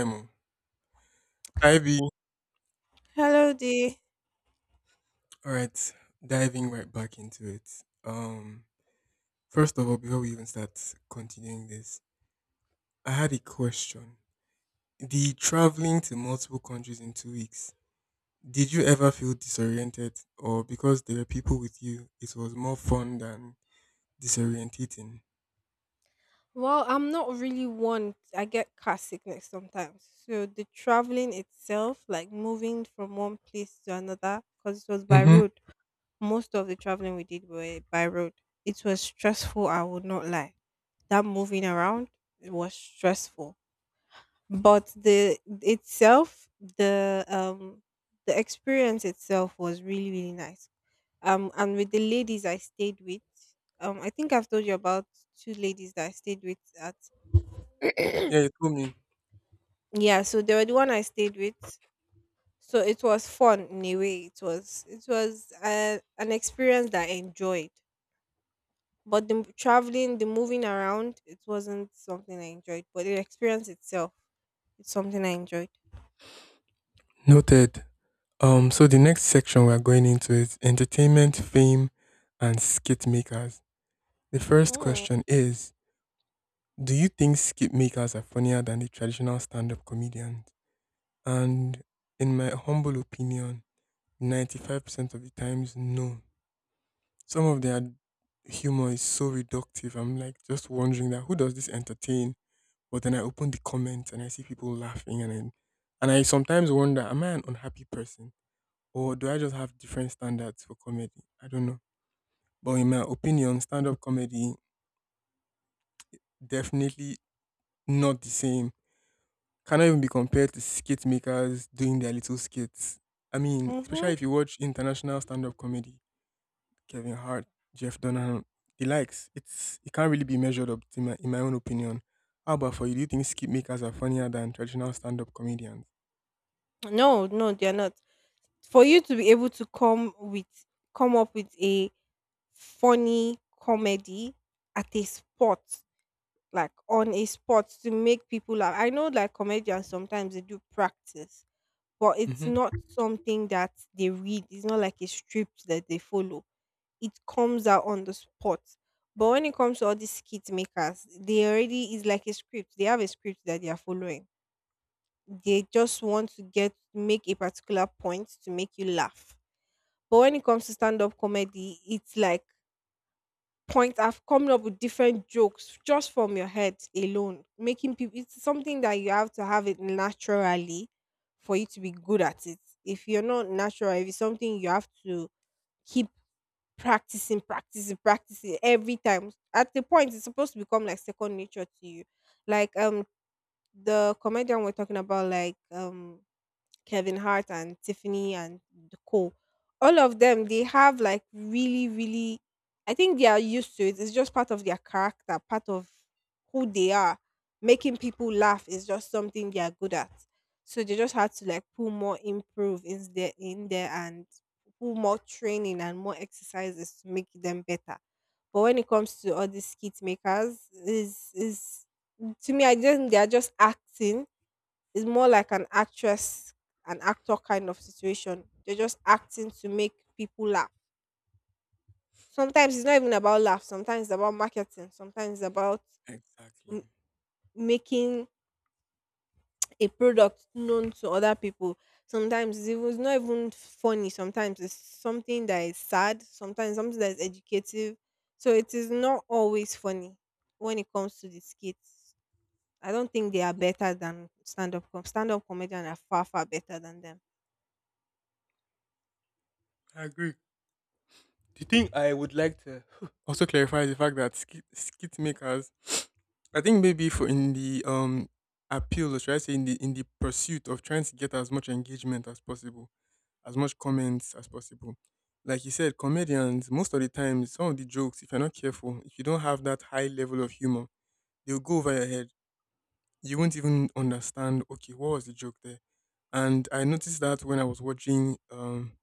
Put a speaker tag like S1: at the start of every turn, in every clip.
S1: Emo. Ivy.
S2: Hello, there.
S1: All right, diving right back into it. Um, First of all, before we even start continuing this, I had a question. The traveling to multiple countries in 2 weeks. Did you ever feel disoriented, or because there were people with you, it was more fun than disorientating?
S2: Well, I'm not really one. I get car sickness sometimes. So the traveling itself, like moving from one place to another, because it was by
S1: Mm-hmm.
S2: road. Most of the traveling we did were by road. It was stressful, I would not lie. That moving around it was stressful. But the itself, the the experience itself was really, really nice, and with the ladies I stayed with, I think I've told you about two ladies that I stayed with at
S1: Yeah, you told me.
S2: yeah, so they were the one I stayed with. So it was fun in a way. It was an experience that I enjoyed, but the traveling, the moving around, it wasn't something I enjoyed, but the experience itself, it's something I enjoyed.
S1: Noted. So the next section we're going into is entertainment, fame, and skit makers. The first
S2: Mm.
S1: question is, do you think skip makers are funnier than the traditional stand up comedians? And in my humble opinion, 95% of the times, no. Some of their humor is so reductive. I'm like just wondering that who does this entertain? But then I open the comments and I see people laughing and I sometimes wonder, am I an unhappy person? Or do I just have different standards for comedy? I don't know. But in my opinion, stand up comedy definitely not the same, cannot even be compared to skit makers doing their little skits. I mean,
S2: Mm-hmm.
S1: especially if you watch international stand-up comedy, Kevin Hart, Jeff Dunham, the likes. It can't really be measured up to my, in my own opinion. How about for you? Do you think skit makers are funnier than traditional stand-up comedians?
S2: No, no, they're not. For you to be able to come up with a funny comedy at a spot, like on a spot to make people laugh. I know like comedians sometimes they do practice, but it's
S1: Hmm.
S2: not something that they read. It's not like a script that they follow. It comes out on the spot. But when it comes to all these skit makers, they already is like a script. They have a script that they are following. They just want to get make a particular point to make you laugh. But when it comes to stand up comedy, it's like point I have coming up with different jokes just from your head alone, making people. It's something that you have to have it naturally for you to be good at it. If you're not natural, if it's something you have to keep practicing, practicing, practicing every time. At the point, it's supposed to become like second nature to you. Like the comedian we're talking about, like Kevin Hart and Tiffany and the co. All of them, they have like really, really. I think they are used to it. It's just part of their character, part of who they are. Making people laugh is just something they are good at. So they just had to like put more improve in there, and put more training and more exercises to make them better. But when it comes to all these skit makers, is to me, I just they are just acting. It's more like an actress, an actor kind of situation. They're just acting to make people laugh. Sometimes it's not even about laugh. Sometimes it's about marketing. Sometimes it's about m-
S1: Exactly.
S2: Making a product known to other people. Sometimes it's not even funny. Sometimes it's something that is sad. Sometimes something that is educative. So it is not always funny when it comes to the skits. I don't think they are better than stand up comedian are far far better than them.
S1: I agree. The thing I would like to also clarify is the fact that skit makers, I think maybe for in the appeal, or should I say in the pursuit of trying to get as much engagement as possible, as much comments as possible. Like you said, comedians, most of the time, some of the jokes, if you're not careful, if you don't have that high level of humor, they'll go over your head. You won't even understand, okay, what was the joke there? And I noticed that when I was watching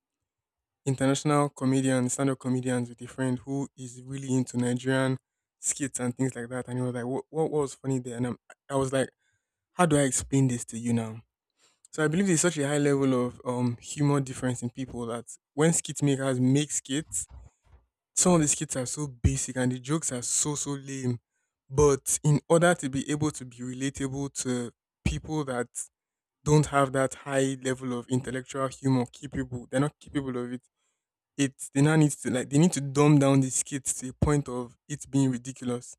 S1: international comedians, stand up comedians with a friend who is really into Nigerian skits and things like that. And he was like, what was funny there? And I was like, how do I explain this to you now? So I believe there's such a high level of humor difference in people that when skit makers make skits, some of the skits are so basic and the jokes are so lame. But in order to be able to be relatable to people that don't have that high level of intellectual humor capable, they're not capable of it. They now need to like they need to dumb down the skits to a point of it being ridiculous.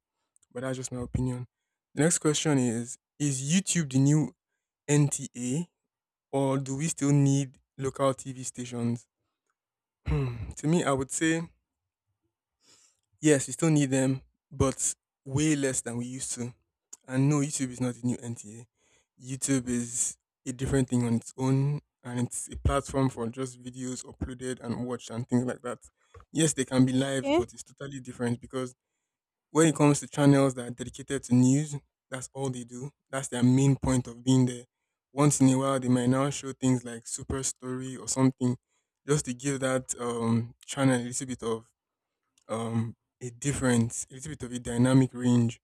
S1: But that's just my opinion. The next question is YouTube the new NTA? Or do we still need local TV stations? Hmm, to me, I would say yes, we still need them, but way less than we used to. And no, YouTube is not the new NTA. YouTube is a different thing on its own, and it's a platform for just videos uploaded and watched and things like that. Yes, they can be lives,
S2: Okay.
S1: but it's totally different because when it comes to channels that are dedicated to news, that's all they do. That's their main point of being there. Once in a while, they might now show things like Super Story or something, just to give that channel a little bit of a difference, a little bit of a dynamic range.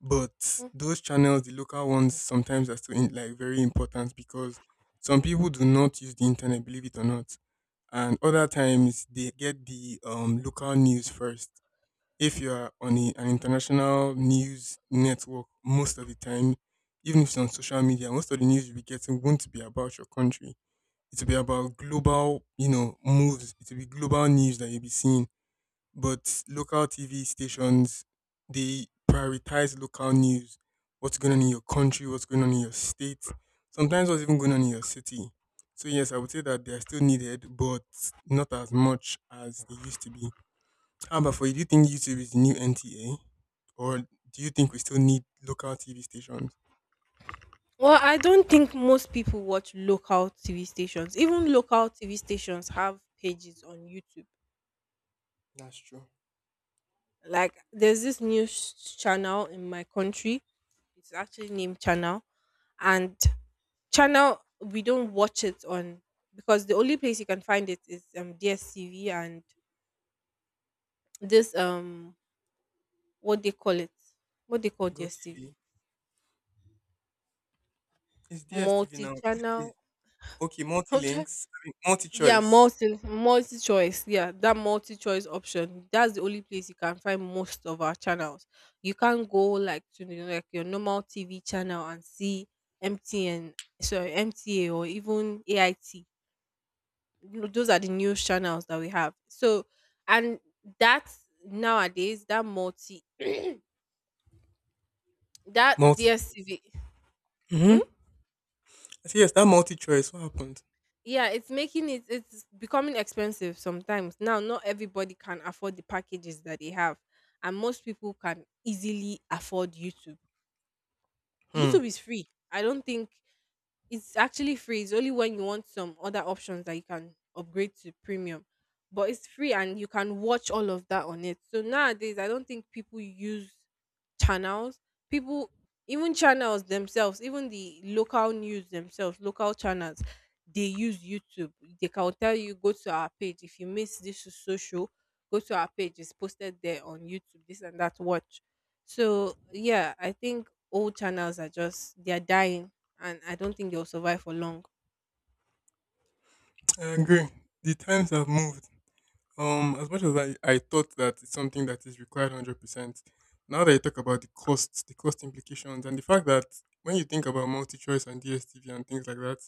S1: But
S2: Mm.
S1: those channels, the local ones, sometimes are still in, like very important because some people do not use the internet, believe it or not, and other times they get the local news first if you're on an international news network most of the time, even if it's on social media, most of the news you'll be getting won't be about your country. It'll be about global, you know, moves. It'll be global news that you'll be seeing. But local TV stations, they prioritize local news. What's going on in your country, what's going on in your state, sometimes what's even going on in your city. So yes, I would say that they're still needed, but not as much as they used to be. How about for you? Do you think YouTube is the new NTA, or do you think we still need local TV stations?
S2: Well, I don't think most people watch local TV stations. Even local TV stations have pages on YouTube.
S1: That's true.
S2: Like there's this news channel in my country. It's actually named Channel, and Channel we don't watch it on because the only place you can find it is DSTV and this what they call it, what they call
S1: Go
S2: DSTV,
S1: TV. It's DSTV now. Is it D-
S2: multi-channel.
S1: Okay, multi
S2: I'm trying.
S1: links, I mean, multi
S2: Yeah,
S1: choice,
S2: multi choice. Yeah, that multi choice option. That's the only place you can find most of our channels. You can't go like to the, like your normal TV channel and see MTN, sorry MTA or even AIT. You know, those are the news channels that we have. So, and that nowadays that multi that
S1: multi.
S2: DSTV.
S1: Mm-hmm. I say yes. That multi choice. What happened?
S2: Yeah, it's making it, it's becoming expensive sometimes. Now not everybody can afford the packages that they have. And most people can easily afford YouTube.
S1: Hmm.
S2: YouTube is free. I don't think it's actually free. It's only when you want some other options that you can upgrade to premium. But it's free and you can watch all of that on it. So nowadays, I don't think people use channels. People, even channels themselves, even the local news themselves, local channels, they use YouTube. They can tell you, go to our page. If you miss this is social, go to our page. It's posted there on YouTube, this and that. Watch. So, yeah, I think old channels are just, they're dying and I don't think they'll survive for long.
S1: I agree. The times have moved. As much as I thought that it's something that is required 100%. Now that you talk about the costs, the cost implications, and the fact that when you think about multi choice and DSTV and things like that,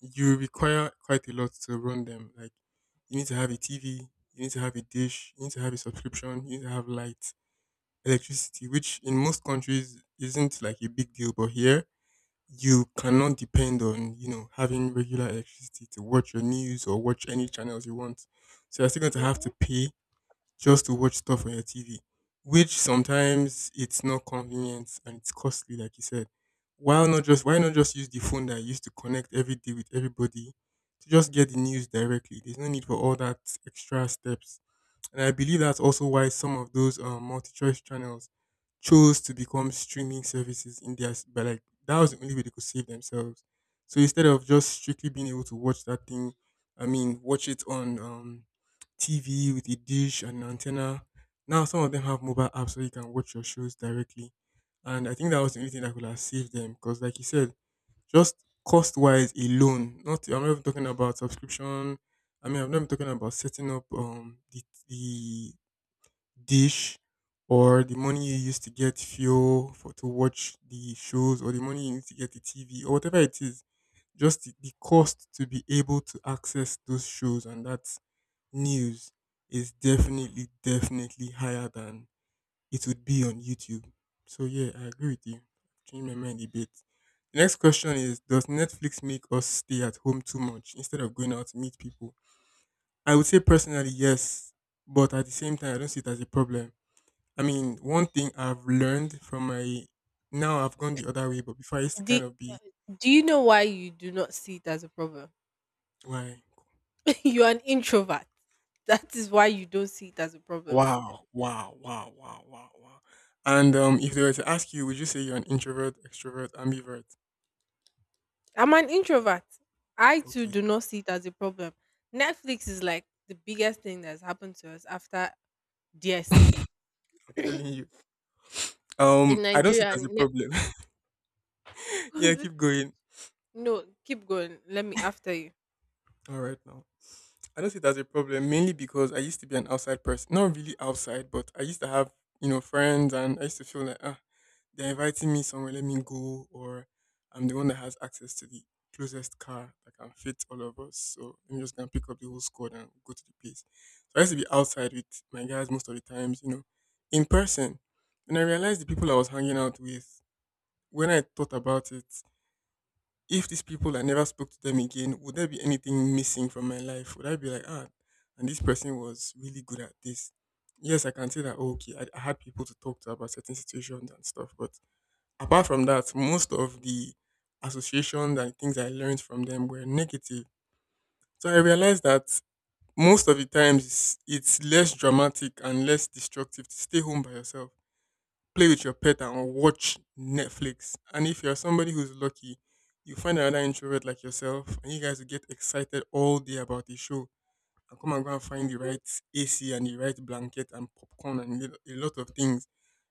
S1: you require quite a lot to run them. Like you need to have a TV, you need to have a dish, you need to have a subscription, you need to have light, electricity, which in most countries isn't like a big deal, but here you cannot depend on, you know, having regular electricity to watch your news or watch any channels you want. So you're still going to have
S2: Hmm.
S1: to pay just to watch stuff on your TV, which sometimes it's not convenient and it's costly, like you said. Why not just use the phone that I used to connect every day with everybody to just get the news directly? There's no need for all that extra steps. And I believe that's also why some of those multi-choice channels chose to become streaming services in their, s- but like that was the only way they could save themselves. So instead of just strictly being able to watch that thing, I mean, watch it on TV with a dish and an antenna, now some of them have mobile apps so you can watch your shows directly. And I think that was the only thing that could have saved them because, like you said, just cost wise alone. Not I'm not even talking about subscription. I mean I'm not even talking about setting up the dish or the money you use to get fuel for to watch the shows or the money you need to get the TV or whatever it is. Just the cost to be able to access those shows and that news is definitely higher than it would be on YouTube. So yeah, I agree with you. Changed my mind a bit. The next question is, does Netflix make us stay at home too much instead of going out to meet people? I would say personally, yes, but at the
S2: Hmm.
S1: same time, I don't see it as a problem. I mean, one thing I've learned from my now I've gone the other way, but before I used to
S2: Do,
S1: kind of be
S2: do you know why you do not see it as a problem?
S1: like,
S2: You're an introvert. That is why you don't see it as a problem.
S1: wow. And if they were to ask you, would you say you're an introvert, extrovert, ambivert?
S2: I'm an introvert. I too
S1: Okay,
S2: do not see it as a problem. Netflix is like the biggest thing that's happened to us after DSCV
S1: I'm
S2: in
S1: telling you. I don't see it
S2: Nigeria.
S1: as a problem.
S2: Net-
S1: Yeah, keep going.
S2: no, keep going. Let me after you.
S1: All right now. I don't see it as a problem, mainly because I used to be an outside person. Not really outside, but I used to have, you know, friends and I used to feel like, ah, they're inviting me somewhere, let me go, or I'm the one that has access to the closest car that can fit all of us. So I'm just gonna pick up the whole squad and go to the place. So I used to be outside with my guys most of the times, you know, in person. And I realized the people I was hanging out with, when I thought about it, if these people I never spoke to them again, would there be anything missing from my life? Would I be like, ah, and this person was really good at this? Yes, I can say that, oh, okay, I had people to talk to about certain situations and stuff. But apart from that, most of the associations and things I learned from them were negative. So I realized that most of the times it's less dramatic and less destructive to stay home by yourself play with your pet and watch Netflix. And if you're somebody who's lucky, you find another introvert like yourself, and you guys will get excited all day about the show. And come and go and find the
S2: Hmm.
S1: right AC and the right blanket and popcorn and a lot of things.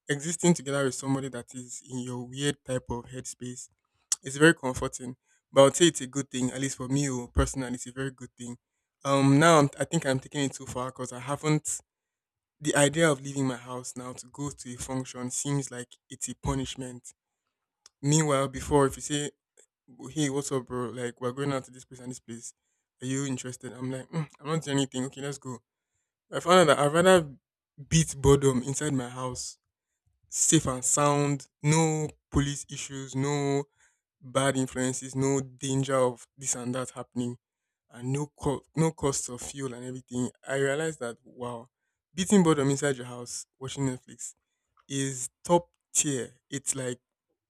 S1: Existing together with somebody that is in your weird type of headspace is very comforting. But I would say it's a good thing, at least for me oh, personally, it's a very good thing. Now I'm, I think I'm taking it too far because I haven't the idea of leaving my house now to go to a function seems like it's a punishment. Meanwhile, before, if you say, hey, what's up, bro? Like, we're going out to this place and this place. Are you interested? I'm like, "Mm, I'm not doing anything. Okay, let's go." I found out that I'd rather beat boredom inside my house, safe and sound, no police issues, no bad influences, no danger of this and that happening, and no cost of fuel and everything. I realized that wow, beating boredom inside your house watching Netflix is top tier. It's like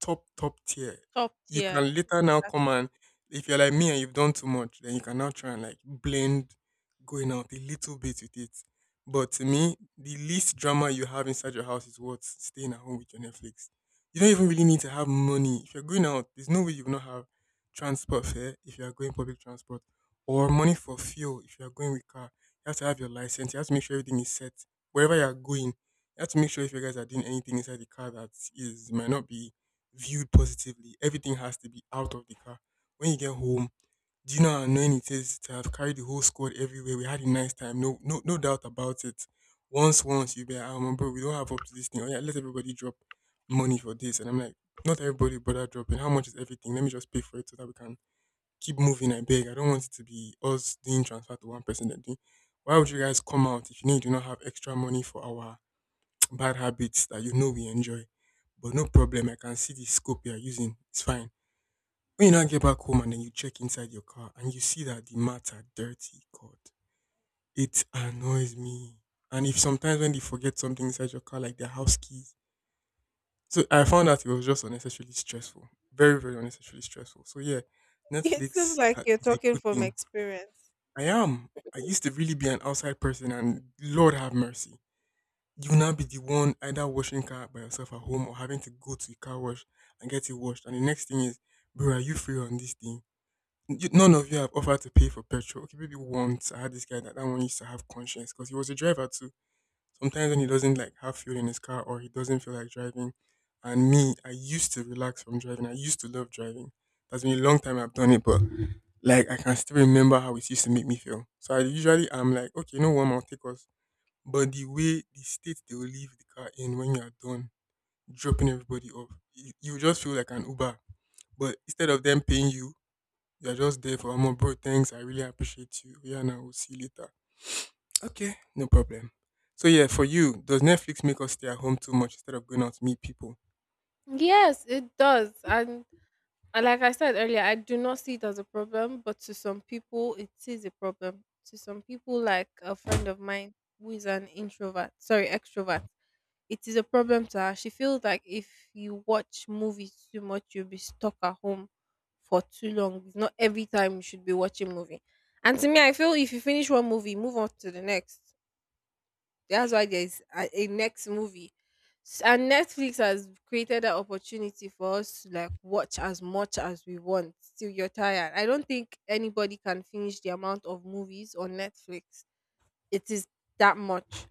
S1: top tier.
S2: Top
S1: You
S2: tier.
S1: can later now
S2: Exactly.
S1: come and, if you're like me and you've done too much, then you can now try and like blend going out a little bit with it. But to me, the least drama you have inside your house is what staying at home with your Netflix. You don't even really need to have money. If you're going out, there's no way you will not have transport fare if you are going public transport, or money for fuel if you are going with car. You have to have your license. You have to make sure everything is set wherever you are going. You have to make sure if you guys are doing anything inside the car that is might not be viewed positively. Everything has to be out of the car. When you get home, do you know how annoying it is to have carried the whole squad everywhere? We had a nice time, no, no, no doubt about it. Once you be, like, bro, we don't have up to this thing. Oh yeah, let everybody drop money for this, and I'm like, not everybody bother dropping. How much is everything? Let me just pay for it so that we can keep moving. I beg. I don't want it to be us doing transfer to one person. Then doing. Why would you guys come out if you know you do not have extra money for our bad habits that you know we enjoy? But no problem, I can see the scope you are using. It's fine. When you now get back home and then you check inside your car and you see that the mats are dirty, God, it annoys me. And if sometimes when they forget something inside your car, like their house keys, so I found out it was just unnecessarily stressful, very very unnecessarily stressful. So yeah,
S2: It seems
S1: Netflix
S2: like you're
S1: is a
S2: talking
S1: good
S2: from
S1: thing.
S2: experience.
S1: I am. I used to really be an outside person, and Lord have mercy. You will now be the one either washing car by yourself at home or having to go to the car wash and get it washed. And the next thing is, bro, are you free on this thing? None of you have offered to pay for petrol. Okay, maybe once I had this guy that that one used to have conscience because he was a driver too. Sometimes when he doesn't like have fuel in his car or he doesn't feel like driving, and me, I used to relax from driving. I used to love driving. That's been a long time I've done it, but like I can still remember how it used to make me feel. So I usually I'm like, okay, you know what, I'll take us, but the way the state they will leave the car in when you're done dropping everybody off, you just feel like an Uber. But instead of them paying you, you're just there for more. Bro, thanks, I really appreciate you. Yeah, now we'll see you later. Okay, no problem. So yeah, for you, does Netflix make us stay at home too much instead of going out to meet people?
S2: Yes, it does. And like I said earlier, I do not see it as a problem, but to some people, it is a problem. To some people, like a friend of mine who is an introvert, sorry, extrovert, it is a problem to her. She feels like if you watch movies too much, you'll be stuck at home for too long. It's not every time you should be watching movie. And to me, I feel if you finish one movie, move on to the next. That's why there's a next movie. And Netflix has created an opportunity for us to like watch as much as we want till you're tired. I don't think anybody can finish the amount of movies on Netflix. It is that much.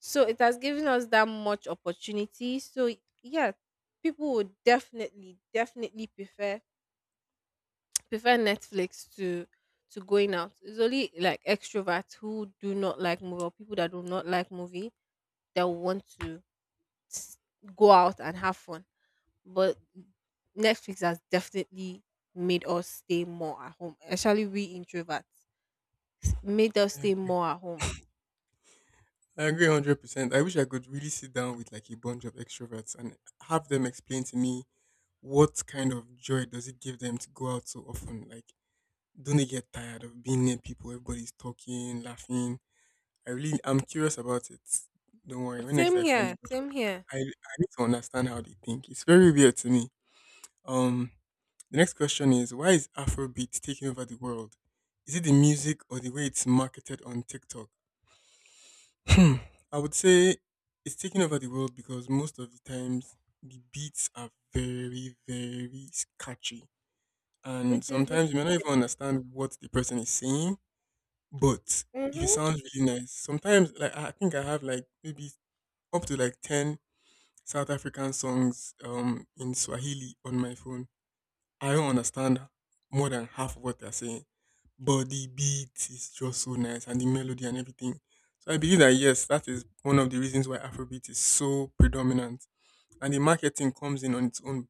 S2: So it has given us that much opportunity. So yeah, people would definitely, definitely prefer Netflix to going out. It's only like extroverts who do not like movie or people that do not like movie that want to s- go out and have fun. But Netflix has definitely made us stay more at home, especially we introverts. Made us
S1: I
S2: stay
S1: agree.
S2: more at home.
S1: I agree 100%. I wish I could really sit down with like a bunch of extroverts and have them explain to me what kind of joy does it give them to go out so often. Like, don't they get tired of being near people? Everybody's talking, laughing. I'm curious about it. Don't worry. When next
S2: Same
S1: I find a
S2: here,
S1: butcher,
S2: same here.
S1: I need to understand how they think. It's very weird to me. Um, the next question is, why is Afrobeat taking over the world? Is it the music or the way it's marketed on TikTok? Hmm. I would say it's taking over the world because most of the times the beats are very, very catchy. And
S2: It is the
S1: sometimes you may not even understand what the person is saying, but if it
S2: mhm,
S1: sounds really nice. Sometimes, like, I think I have like maybe up to like ten South African songs in Swahili on my phone. I don't understand more than half of what they're saying, but the beat is just so nice and the melody and everything. So I believe that yes, that is one of the reasons why Afrobeat is so predominant, and the marketing comes in on its own.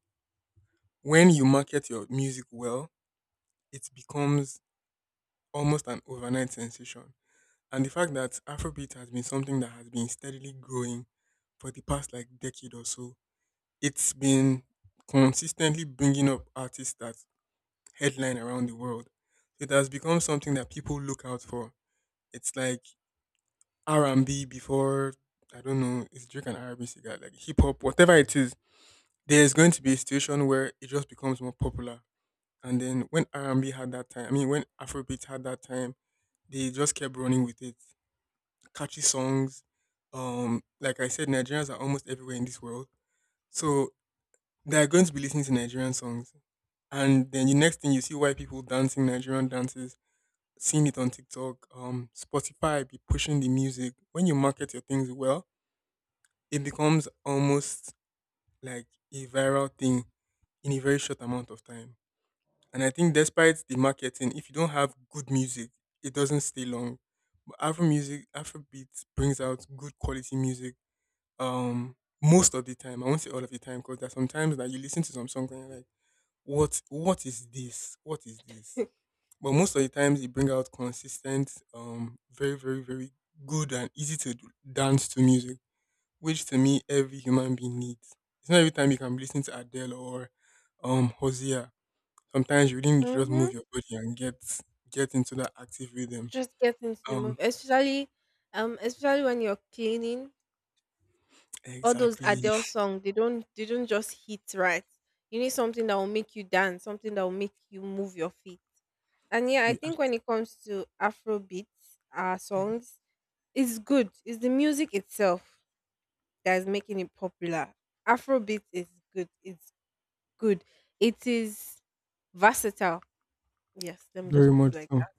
S1: When you market your music well, it becomes almost an overnight sensation. And the fact that Afrobeat has been something that has been steadily growing for the past like decade or so, it's been consistently bringing up artists that headline around the world. It has become something that people look out for. It's like R and B before. I don't know, it's Drake and R and B cigar, like hip hop, whatever it is. There's going to be a situation where it just becomes more popular. And then when R and B had that time, I mean when Afrobeat had that time, they just kept running with it. Catchy songs. Like I said, Nigerians are almost everywhere in this world, so they are going to be listening to Nigerian songs. And then the next thing you see white people dancing Nigerian dances, seeing it on TikTok, Spotify be pushing the music. When you market your things well, it becomes almost like a viral thing in a very short amount of time. And I think despite the marketing, if you don't have good music, it doesn't stay long. But Afro music, Afro beats brings out good quality music, um most of the time. I won't say all of the time, because there's sometimes that you listen to some song and you're like, what is this, what is this? But most of the times you bring out consistent, very very very good and easy to dance to music, which to me every human being needs. It's not every time you can be listening to Adele or Hosea. Sometimes you really need to just move
S2: mhm.
S1: your body and get into that active rhythm.
S2: Just get into the
S1: um
S2: movie, especially, especially when you're cleaning. All those
S1: exactly.
S2: Adele songs, they don't just hit right. You need something that will make you dance, something that will make you move your feet. And yeah, I
S1: you,
S2: think when it comes to Afro beats, our
S1: act-
S2: songs, it's good. It's the music itself that is making it popular. Afrobeat is good. It's good. It is versatile. Yes, let me
S1: Very
S2: just put it
S1: much
S2: like
S1: so.
S2: that.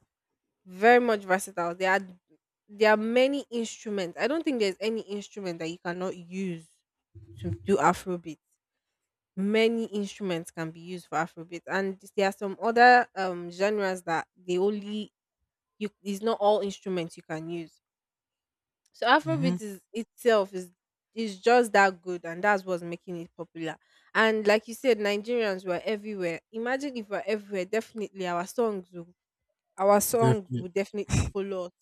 S2: Very much versatile. There are many instruments. I don't think there's any instrument that you cannot use to do Afrobeat. Many instruments can be used for Afrobeat, and there are some other genres that they only you. It's not all instruments you can use. So
S1: Hmm.
S2: Afrobeat is itself is just that good, and that's what's making it popular. And like you said, Nigerians were everywhere. Imagine if we're everywhere, definitely our songs
S1: Definitely.
S2: would definitely follow us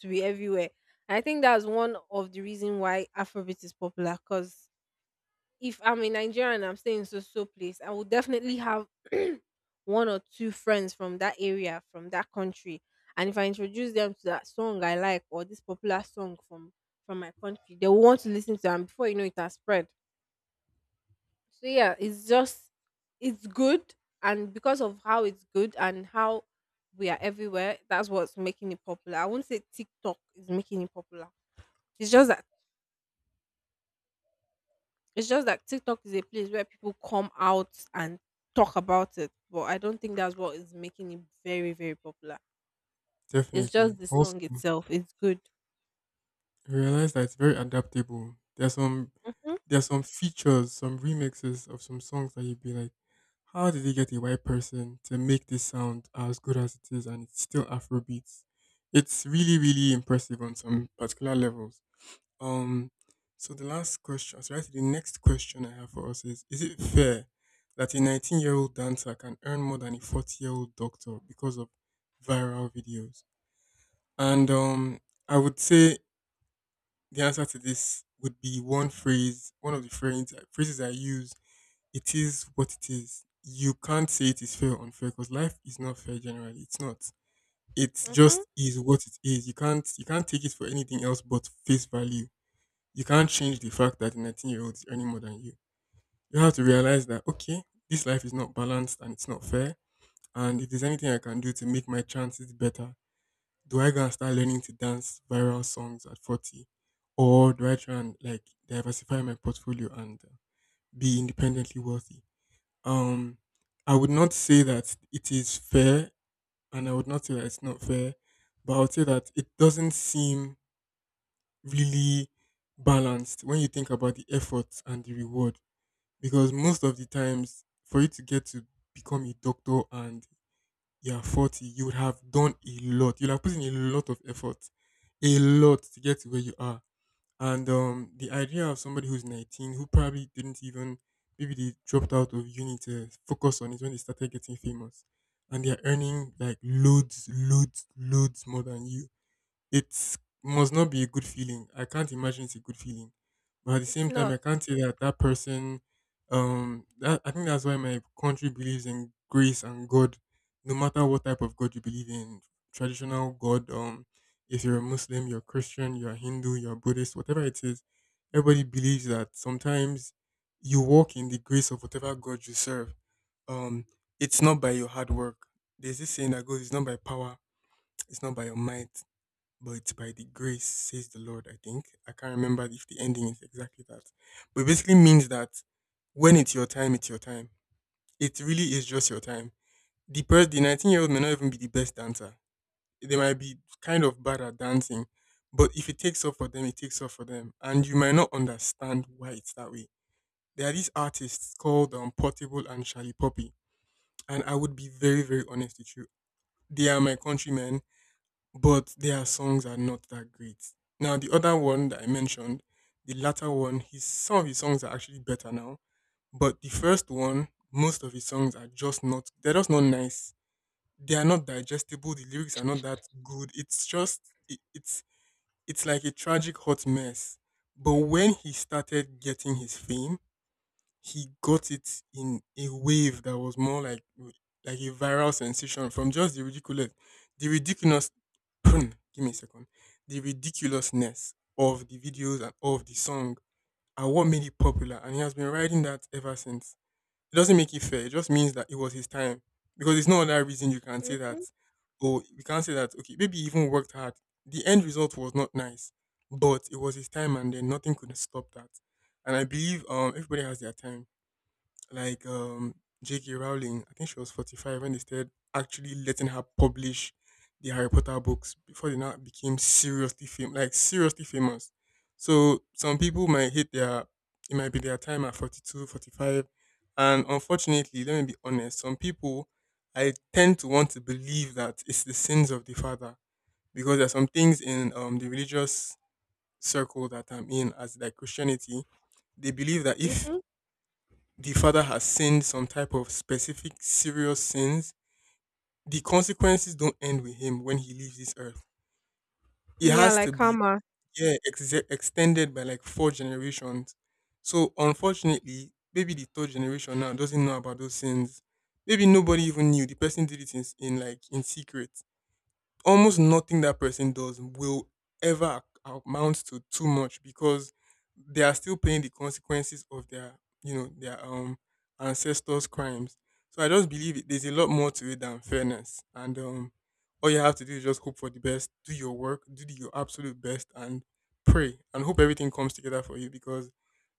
S2: to be everywhere. I think that's one of the reason why Afrobeat is popular, because if I'm in Nigeria and I'm staying in so so place, I will definitely have one or two friends from that area, from that country. And if I introduce them to that song I like or this popular song from my country, they will want to listen to them. Before you know it has spread. So yeah, it's just it's good and because of how it's good and how we are everywhere, that's what's making it popular. I won't say TikTok is making it popular. It's just that It's just that TikTok is a place where people come out and talk about it, but I don't think that's what is making it very, very popular. It's just
S1: Definitely.
S2: the
S1: Also,
S2: song
S1: I
S2: itself. It's good.
S1: realize that it's very adaptable.
S2: Mhm,
S1: There's some features, some remixes of some songs that you'd be like, how did they get a white person to make this sound as good as it is and it's still Afrobeats? It's really, really impressive on some particular levels. Um so the last question, so actually the next question I have for us is it fair that a 19 year old dancer can earn more than a 40 year old doctor because of viral videos? And I would say the answer to this would be one phrase, one of the phrase, phrases I use. It is what it is. You can't say it is fair or unfair because life is not fair generally. It's not. It
S2: mhm.
S1: just is what it is. You can't take it for anything else but face value. You can't change the fact that a 19-year-old is earning more than you. You have to realize that okay, this life is not balanced and it's not fair. And if there's anything I can do to make my chances better, do I go and start learning to dance viral songs at 40? Or do I try and like diversify my portfolio and be independently wealthy? Um, I would not say that it is fair, and I would not say that it's not fair, but I would say that it doesn't seem really balanced when you think about the effort and the reward. Because most of the times, for you to get to become a doctor and you're 40, you would have done a lot. You'll have put in a lot of effort, a lot to get to where you are. And the idea of somebody who's 19, who probably didn't even, maybe they dropped out of uni to focus on it when they started getting famous. And they're earning like loads more than you. It must not be a good feeling. I can't imagine it's a good feeling. But at the
S2: It's
S1: same time, I
S2: not.
S1: can't say that that person, that, I think that's why my country believes in grace and God, no matter what type of God you believe in, traditional God, if you're a Muslim, you're Christian, you're Hindu, you're Buddhist, whatever it is, everybody believes that sometimes you walk in the grace of whatever God you serve. Um, it's not by your hard work. There's this saying that goes, it's not by power, it's not by your might, but it's by the grace, says the Lord, I think. I can't remember if the ending is exactly that. But it basically means that when it's your time, it's your time. It really is just your time. The person, the 19-year-old may not even be the best dancer. They might be kind of bad at dancing, but if it takes off for them, it takes off for them. And you might not understand why it's that way. There are these artists called Portable and Charlie Poppy. And I would be very, very honest with you. They are my countrymen, but their songs are not that great. Now the other one that I mentioned, the latter one, his some of his songs are actually better now, but the first one, most of his songs are just not they're just not nice. They are not digestible. The lyrics are not that good. It's just it, it's it's like a tragic hot mess. But when he started getting his fame, he got it in a wave that was more like a viral sensation from just the ridiculous, the ridiculous. Give me a second. The ridiculousness of the videos and of the song are what made it popular, and he has been riding that ever since. It doesn't make it fair. It just means that it was his time because it's no other reason you can say that.
S2: Mhm,
S1: Oh, we can't say that. Okay, maybe he even worked hard. The end result was not nice, but it was his time, and then nothing could stop that. And I believe everybody has their time like J.K. Rowling. I think she was 45 when they started actually letting her publish the Harry Potter books before they now became seriously famous, like seriously famous. So some people might it might be their time at 42, 45. And unfortunately, let me be honest, some people, I tend to want to believe that it's the sins of the father because there are some things in the religious circle that I'm in as like Christianity, they believe that if
S2: mhm.
S1: the father has sinned some type of specific serious sins, the consequences don't end with him when he leaves this earth. It
S2: Yeah,
S1: has to
S2: like
S1: be,
S2: karma.
S1: yeah, extended by like 4 generations. So unfortunately, maybe the third generation now doesn't know about those sins. Maybe nobody even knew the person did it in like in secret. Almost nothing that person does will ever amount to too much because they are still paying the consequences of their their ancestors crimes. So I just believe there's a lot more to it than fairness, and all you have to do is just hope for the best, do your work, do your absolute best, and pray and hope everything comes together for you, because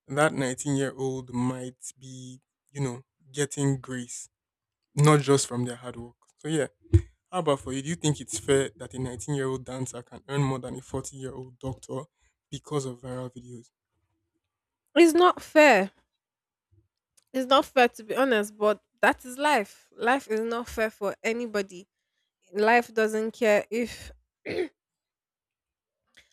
S1: that 19-year-old might be, you know getting grace, not just from their hard work. So yeah, how about for you? Do you think it's fair that a 19-year-old dancer can earn more than a 40-year-old doctor because of viral videos?
S2: It's not fair. It's not fair to be honest, but that is life. Life is not fair for anybody. Life doesn't care if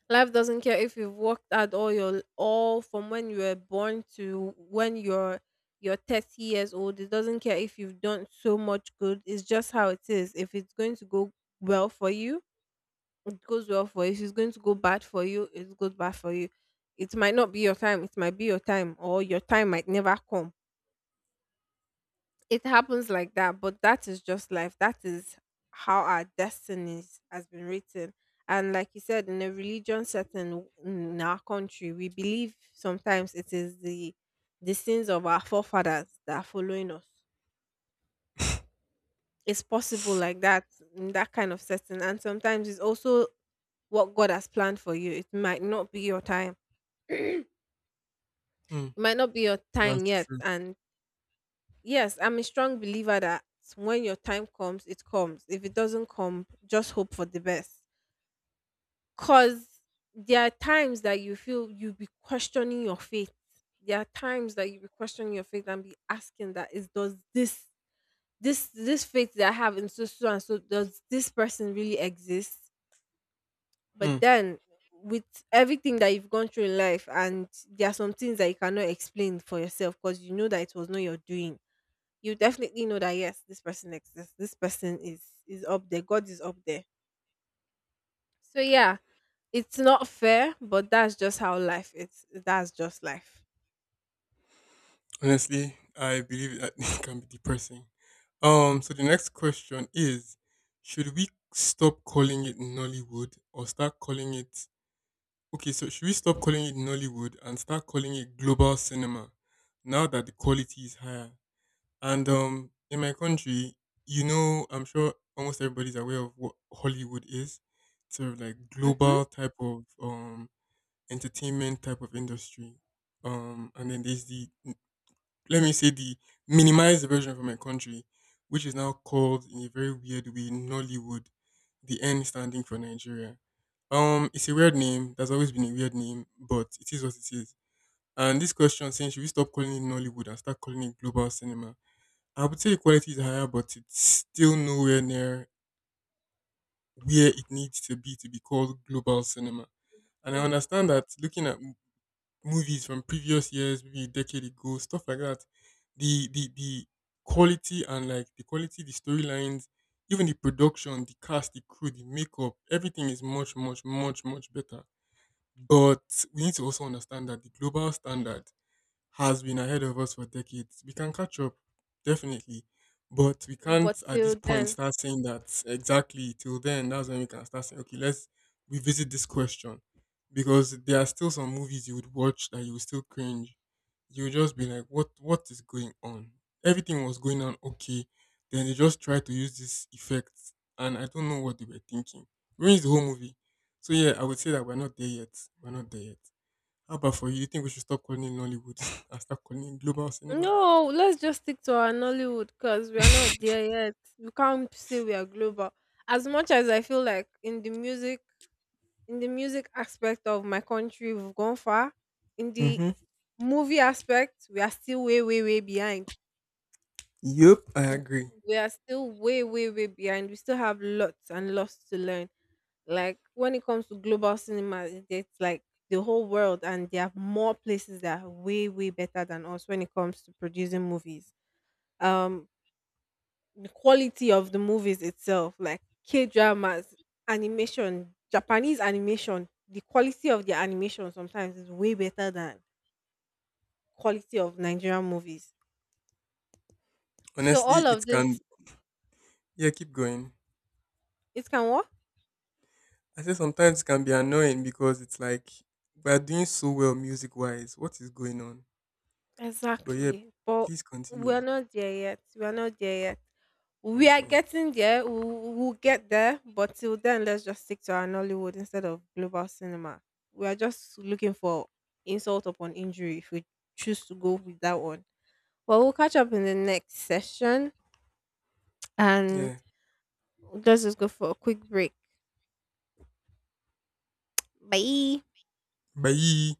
S2: Life doesn't care if you've worked hard all your all from when you were born to when you're 30 years old. It doesn't care if you've done so much good. It's just how it is. If it's going to go well for you, it goes well for you. If it's going to go bad for you, it goes bad for you. It might not be your time. It might be your time, or your time might never come. It happens like that, but that is just life. That is how our destinies has been written. And like you said, in a religion setting in our country, we believe sometimes it is the sins of our forefathers that are following us. It's possible like that in that kind of setting, and sometimes it's also what God has planned for you. It might not be your time. It
S1: Hmm,
S2: might not be your time
S1: that's
S2: yet,
S1: true.
S2: and yes, I'm a strong believer that when your time comes, it comes. If it doesn't come, just hope for the best. Cause there are times that you feel you be questioning your faith. There are times that you be questioning your faith and be asking that is does this faith that I have in so so and so does this person really exist? But
S1: Hmm.
S2: then with everything that you've gone through in life and there are some things that you cannot explain for yourself because you know that it was not your doing, you definitely know that yes, this person exists. This person is up there. God is up there. So yeah, it's not fair, but that's just how life is. That's just life.
S1: Honestly, I believe that it can be depressing. So the next question is, should we stop calling it Nollywood or start calling it? Okay, so should we stop calling it Nollywood and start calling it global cinema now that the quality is higher? And in my country, you know, I'm sure almost everybody's aware of what Hollywood is. It's sort of like
S2: Mm-hmm.
S1: global type of entertainment type of industry. And then there's the let me say the minimized version for my country, which is now called in a very weird way Nollywood, the N standing for Nigeria. It's a weird name. That's always been a weird name, but it is what it is. And this question saying, should we stop calling it Nollywood and start calling it global cinema? I would say equality is higher, but it's still nowhere near where it needs to be called global cinema. And I
S2: Mm,
S1: understand that
S2: exactly.
S1: looking at movies from previous years, maybe a decade ago, stuff like that, the quality and like the quality, the storylines, even the production, the cast, the crew, the makeup, everything is much, much, much, much better. But we need to also understand that the global standard has been ahead of us for decades. We can catch up, definitely. But we can't
S2: But
S1: at this
S2: till
S1: point
S2: then,
S1: start saying that, exactly till then. That's when we can start saying, okay, let's revisit this question. Because there are still some movies you would watch that you would still cringe. You would just be like, what is going on? Everything was going on okay. Then they just tried to use this effect, and I don't know what they were thinking. Ruins the whole movie. So yeah, I would say that we're not there yet. We're not there yet. How about for you? You think we should stop calling it Nollywood and start calling it global cinema?
S2: no, let's just stick to our Nollywood because we are not there yet. We can't say we are global. As much as I feel like in the music aspect of my country, we've gone far. In the
S1: Mm-hmm.
S2: movie aspect, we are still way, way, way behind.
S1: Yep, I
S2: w-
S1: agree.
S2: we are still way, way, way behind. We still have lots and lots to learn. Like when it comes to global cinema, it's like the whole world, and there are more places that are way, way better than us when it comes to producing movies. Um, the quality of the movies itself, like K dramas, animation, Japanese animation, the quality of their animation sometimes is way better than quality of Nigerian movies. So
S1: Honestly,
S2: all of
S1: it can.
S2: this,
S1: Yeah, keep going.
S2: it can work.
S1: I say sometimes it can be annoying because it's like we are doing so well music wise. What is going on? But yeah,
S2: Exactly. But
S1: please
S2: we're
S1: continue.
S2: not there yet. We're not there yet. We are
S1: Okay.
S2: getting there. We'll get there. But till then, let's just stick to our Nollywood instead of global cinema. We are just looking for insult upon injury if we choose to go with that one. Well, we'll catch up in the next session and
S1: Yeah.
S2: let's just go for a quick break. Bye.
S1: Bye.